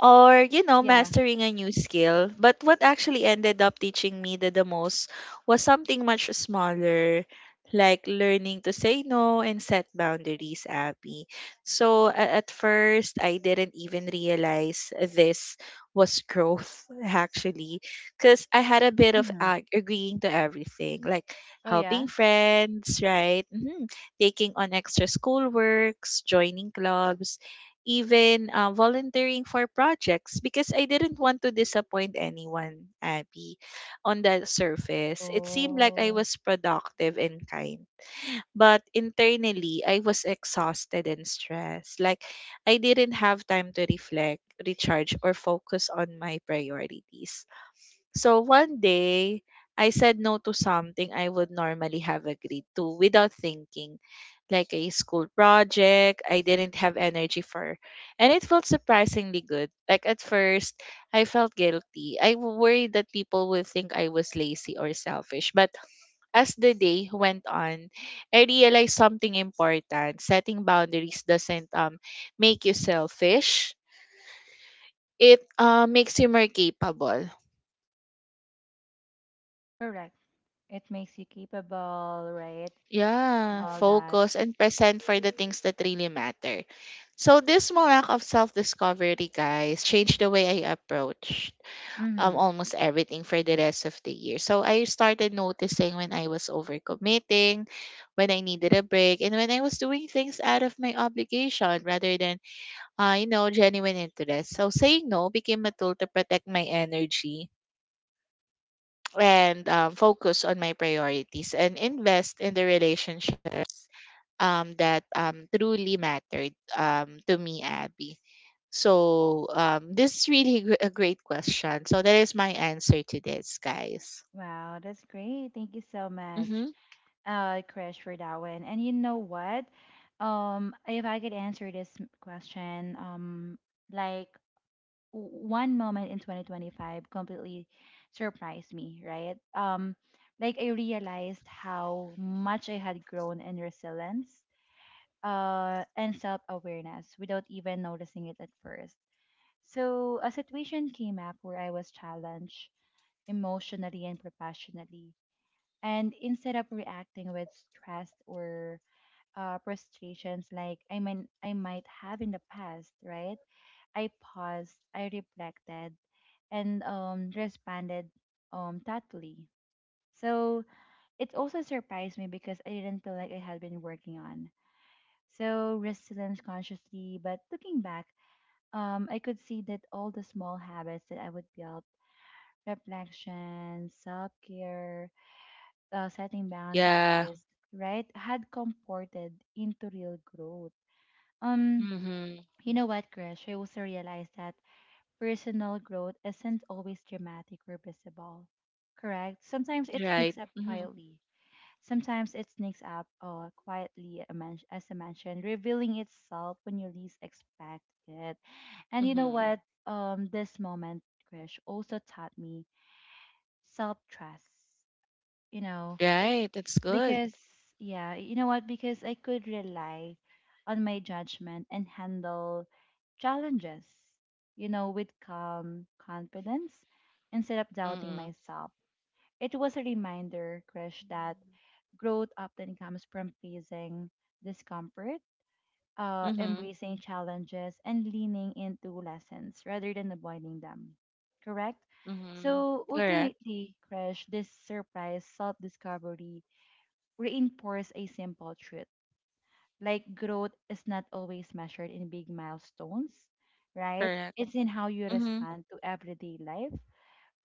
B: or
A: Yeah.
B: mastering a new skill, but what actually ended up teaching me the most was something much smaller, like learning to say no and set boundaries, Abby. So at first I didn't even realize this was growth [laughs] actually, because I had a bit of
A: Mm-hmm.
B: agreeing to everything, like
A: Oh
B: helping
A: yeah.
B: friends, right? Mhm. Taking on extra schoolworks, joining clubs, even volunteering for projects because I didn't want to disappoint anyone, Abby. On the surface, it seemed like I
A: Oh,
B: was productive and kind, but internally, I was exhausted and stressed. Like, I didn't have time to reflect, recharge, or focus on my priorities. So, one day, I said no to something I would normally have agreed to without thinking, like a school project I didn't have energy for, and it felt surprisingly good. Like at first, I felt guilty. I worried that people would think I was lazy or selfish. But as the day went on, I realized something important. Setting boundaries doesn't make you selfish. It makes you more capable.
A: correct. It makes you capable, right? And
B: Yeah,
A: all that.
B: focus and present for the things that really matter. So this small act of self-discovery, guys, changed the way I approached
A: Mm-hmm.
B: almost everything for the rest of the year. So I started noticing when I was overcommitting, when I needed a break, and when I was doing things out of my obligation rather than genuine interest. So saying no became a tool to protect my energy and focus on my priorities and invest in the relationship that truly mattered to me, Abby. So this is really a great question. So that is my answer to this, guys.
A: Wow, that's great. Thank you so much,
B: Mm-hmm.
A: Krish, for that one. And you know what? If I could answer this question, like one moment in 2025 completely surprised me, right? Like I realized how much I had grown in resilience, and self-awareness without even noticing it at first. So a situation came up where I was challenged emotionally and professionally, and instead of reacting with stress or frustrations like I mean I might have in the past, right? I paused, I reflected, and responded thoughtfully. So it also surprised me because I didn't feel like I had been working on. So resilience consciously, but looking back, I could see that all the small habits that I would build, reflection, self care, setting
B: Yeah.
A: boundaries, right, had comported into real growth. Um,
B: Mm-hmm.
A: you know what, Krish? I also realized that personal growth isn't always dramatic or visible, correct? Sometimes it
B: Right.
A: sneaks up
B: Mm-hmm.
A: quietly. Sometimes it sneaks up, quietly, as I mentioned, revealing itself when you least expect it. And you know
B: Mm-hmm.
A: what? This moment, Krish, also taught me self trust. You know,
B: Right. That's good.
A: because yeah you know what because I could rely on my judgment and handle challenges, you know, with calm confidence instead of doubting
B: Mm-hmm.
A: myself. It was a reminder, Krish, that growth often comes from facing discomfort,
B: Mm-hmm.
A: embracing challenges and leaning into lessons rather than avoiding them. Correct?
B: Mm-hmm.
A: So
B: Correct.
A: ultimately, Krish, this surprise self-discovery reinforce a simple truth, like growth is not always measured in big milestones, right?
B: Correct.
A: It's in how you
B: Mm-hmm.
A: respond to everyday life,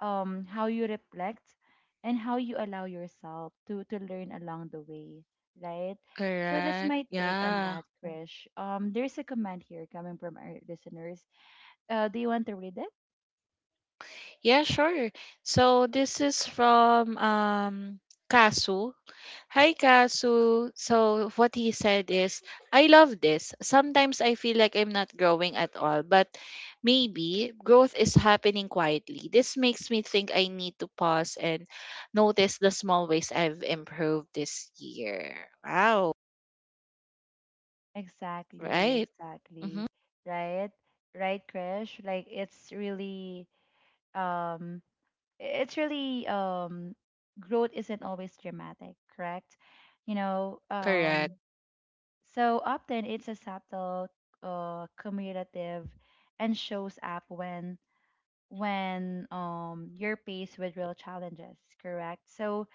A: how you reflect, and how you allow yourself to learn along the way, right? So that's
B: Correct.
A: my take on
B: Yeah.
A: that, Krish. There's a comment here coming from our listeners. Do you want to read it?
B: Yeah, sure. So this is from Kasu. Hi, Kasu. So, what he said is, I love this. Sometimes I feel like I'm not growing at all, but maybe growth is happening quietly. This makes me think I need to pause and notice the small ways I've improved this year. Wow.
A: Exactly,
B: Right?
A: exactly.
B: Mm-hmm.
A: Right. Right, Krish, like it's really, um it's really um growth isn't always dramatic, correct? You know,
B: Correct.
A: um, so often it's a subtle, cumulative, and shows up when you're faced with real challenges, correct? So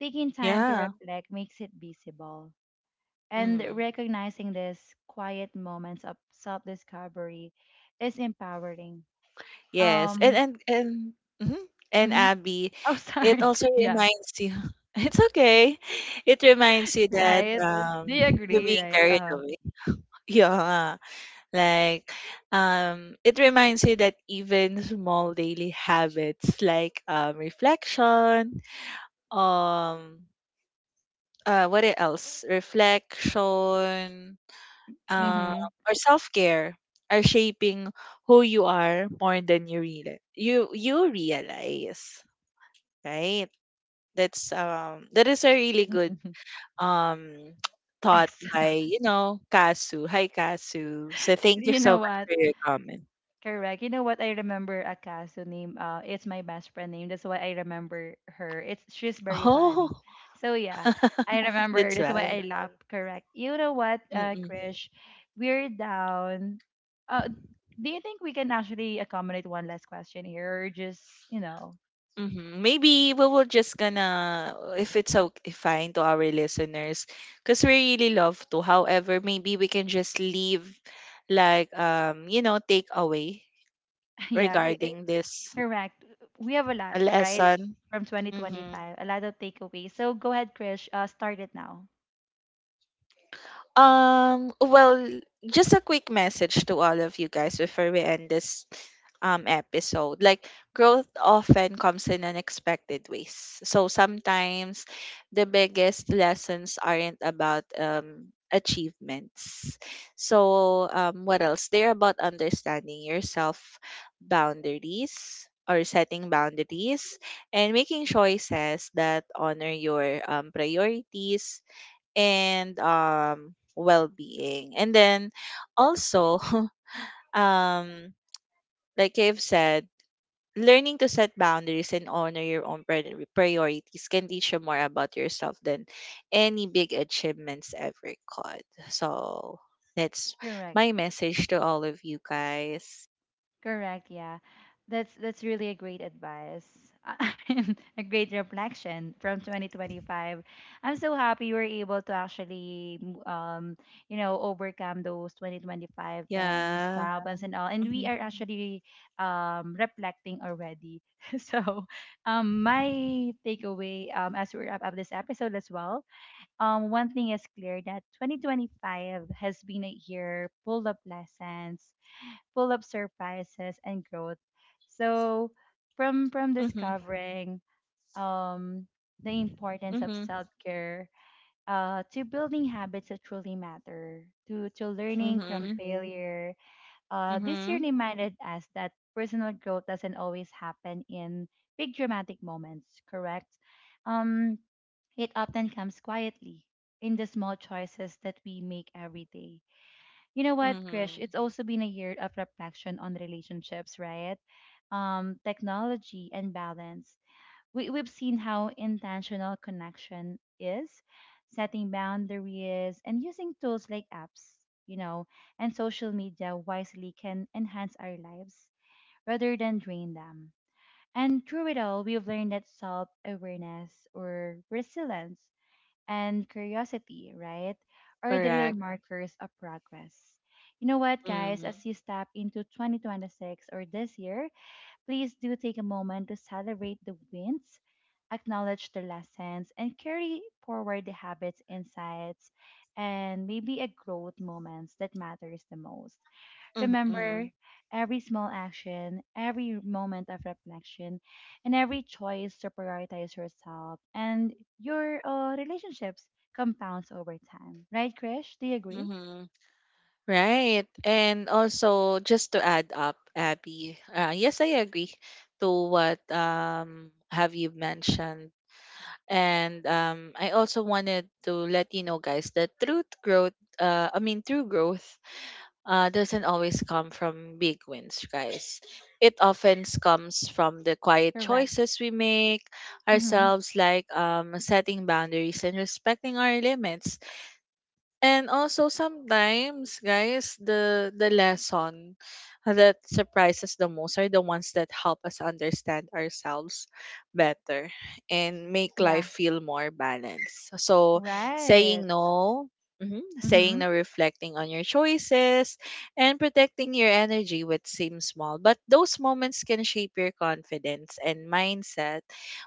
A: taking time to
B: Yeah.
A: reflect makes it visible, and
B: Mm.
A: recognizing these quiet moments of self-discovery is empowering.
B: Yes, and
A: Um,
B: and and mhm, and
A: mhm.
B: Abby,
A: Oh, [laughs]
B: it
A: sorry,
B: also
A: yeah.
B: reminds you. [laughs] It's okay. It reminds you that
A: Right? [laughs] They
B: you're
A: agree,
B: being
A: right?
B: carried away. [laughs] Yeah, like it reminds you that even small daily habits like reflection, um uh, what else? Reflection, um,
A: Mm-hmm.
B: or self-care are shaping who you are more than you realize, right? That's that is a really good
A: [laughs]
B: um [tsk] thought
A: Exactly.
B: by Kasu. Hi, Kasu, so thank you
A: You
B: so
A: know
B: much
A: what?
B: for your comment.
A: Correct. You know what? I remember a Akaso name. It's my best friend name. That's why I remember her. It's she's very
B: Oh
A: funny. So yeah,
B: [laughs]
A: I remember.
B: that's
A: That's why I
B: right.
A: love. [laughs] Correct. You know what, Krish? We're down. Uh, do you think we can actually accommodate one last question here, or just you know,
B: Mhm. Maybe we will just gonna, if it's okay fine to our listeners, because we really love to. However, maybe we can just leave, like takeaway
A: [laughs] yeah?
B: regarding this,
A: Correct. We have a
B: a
A: lot, right?
B: lesson.
A: From
B: Mm-hmm.
A: 2025, a lot of takeaways. So go ahead, Krish. Start it now.
B: Well, just a quick message to all of you guys before we end this episode. Like growth often comes in unexpected ways. So sometimes the biggest lessons aren't about achievements. So what else? They're about understanding yourself, boundaries or setting boundaries, and making choices that honor your priorities and well-being. And then also [laughs] um like I've said, learning to set boundaries and honor your own priorities can teach you more about yourself than any big achievements ever could. So that's
A: Correct.
B: my message to all of you guys.
A: Correct. Yeah. That's really a great advice. [laughs] A great reflection from 2025. I'm so happy you were able to actually, um you know, overcome those 2025 things,
B: Yeah.
A: problems and all. And we
B: Mm-hmm.
A: are actually reflecting already. [laughs] So my takeaway, as we wrap up this episode as well, one thing is clear that 2025 has been a year full of lessons, full of surprises and growth. So, from
B: Mm-hmm.
A: discovering um, the importance of
B: Mm-hmm.
A: self care, to building habits that truly matter, to learning from
B: Mm-hmm.
A: failure, this year
B: Mm-hmm.
A: reminded us that personal growth doesn't always happen in big dramatic moments, correct? Um, it often comes quietly in the small choices that we make every day. You know what, Krish?
B: Mm-hmm.
A: It's also been a year of reflection on relationships, right? Technology and balance, we've seen how intentional connection is, setting boundaries and using tools like apps, you know, and social media wisely can enhance our lives rather than drain them. And through it all, we've learned that self awareness or resilience and curiosity, right, are the real
B: Correct.
A: markers of progress. You know what, guys,
B: Mm-hmm.
A: as you step into 2026 or this year, please do take a moment to celebrate the wins, acknowledge the lessons, and carry forward the habits, insights, and maybe a growth moments that matters the most.
B: Mm-hmm.
A: Remember, every small action, every moment of reflection, and every choice to prioritize yourself and your relationships compounds over time. Right, Krish? Do you agree?
B: Mm-hmm. Right. And also, just to add up, Abby, yes, I agree to what have you mentioned. And I also wanted to let you know, guys, that truth growth, I mean, true growth doesn't always come from big wins, guys. It often comes from the quiet
A: Correct.
B: choices we make
A: Mm-hmm.
B: ourselves, like setting boundaries and respecting our limits. And also sometimes, guys, the lesson that surprises the most are the ones that help us understand ourselves better and make
A: Yeah.
B: life feel more balanced. So
A: Right.
B: saying no, mhm, saying
A: Mm-hmm.
B: no, reflecting on your choices, and protecting your energy, which seems small, but those moments can shape your confidence and mindset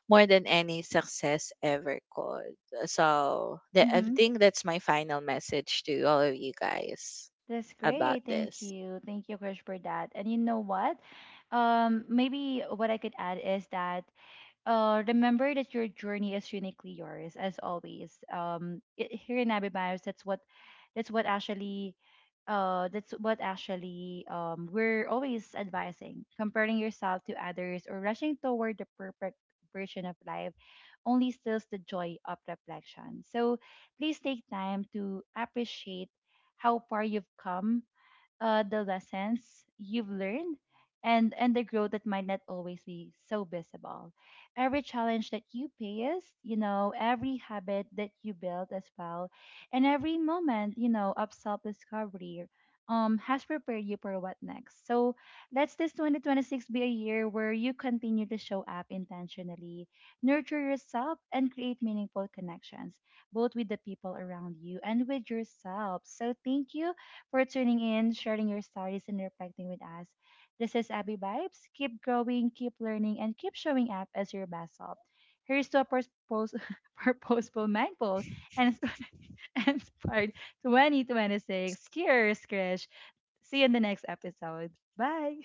B: more than any success ever could. So that, I
A: Mm-hmm.
B: think that's my final message to all of you guys
A: That's
B: about
A: great. Thank
B: this.
A: you. Thank you, Krish, for that. And you know what? Maybe what I could add is that, remember that your journey is uniquely yours, as always. It, here in Abby Bios, that's what actually that's what actually we're always advising. Comparing yourself to others or rushing toward the perfect version of life only steals the joy of reflection. So please take time to appreciate how far you've come, the lessons you've learned, and the growth that might not always be so visible. Every challenge that you faced, you know, every habit that you built as well, and every moment, you know, of self discovery, has prepared you for what next. So let this 2026 be a year where you continue to show up intentionally, nurture yourself, and create meaningful connections, both with the people around you and with yourself. So thank you for tuning in, sharing your stories, and reflecting with us. This is Abby Vibes. Keep growing, keep learning, and keep showing up as your best self. Here's to a [laughs] purposeful, mindful, and [laughs] inspired 2026. Cheers, Krish. See you in the next episode. Bye.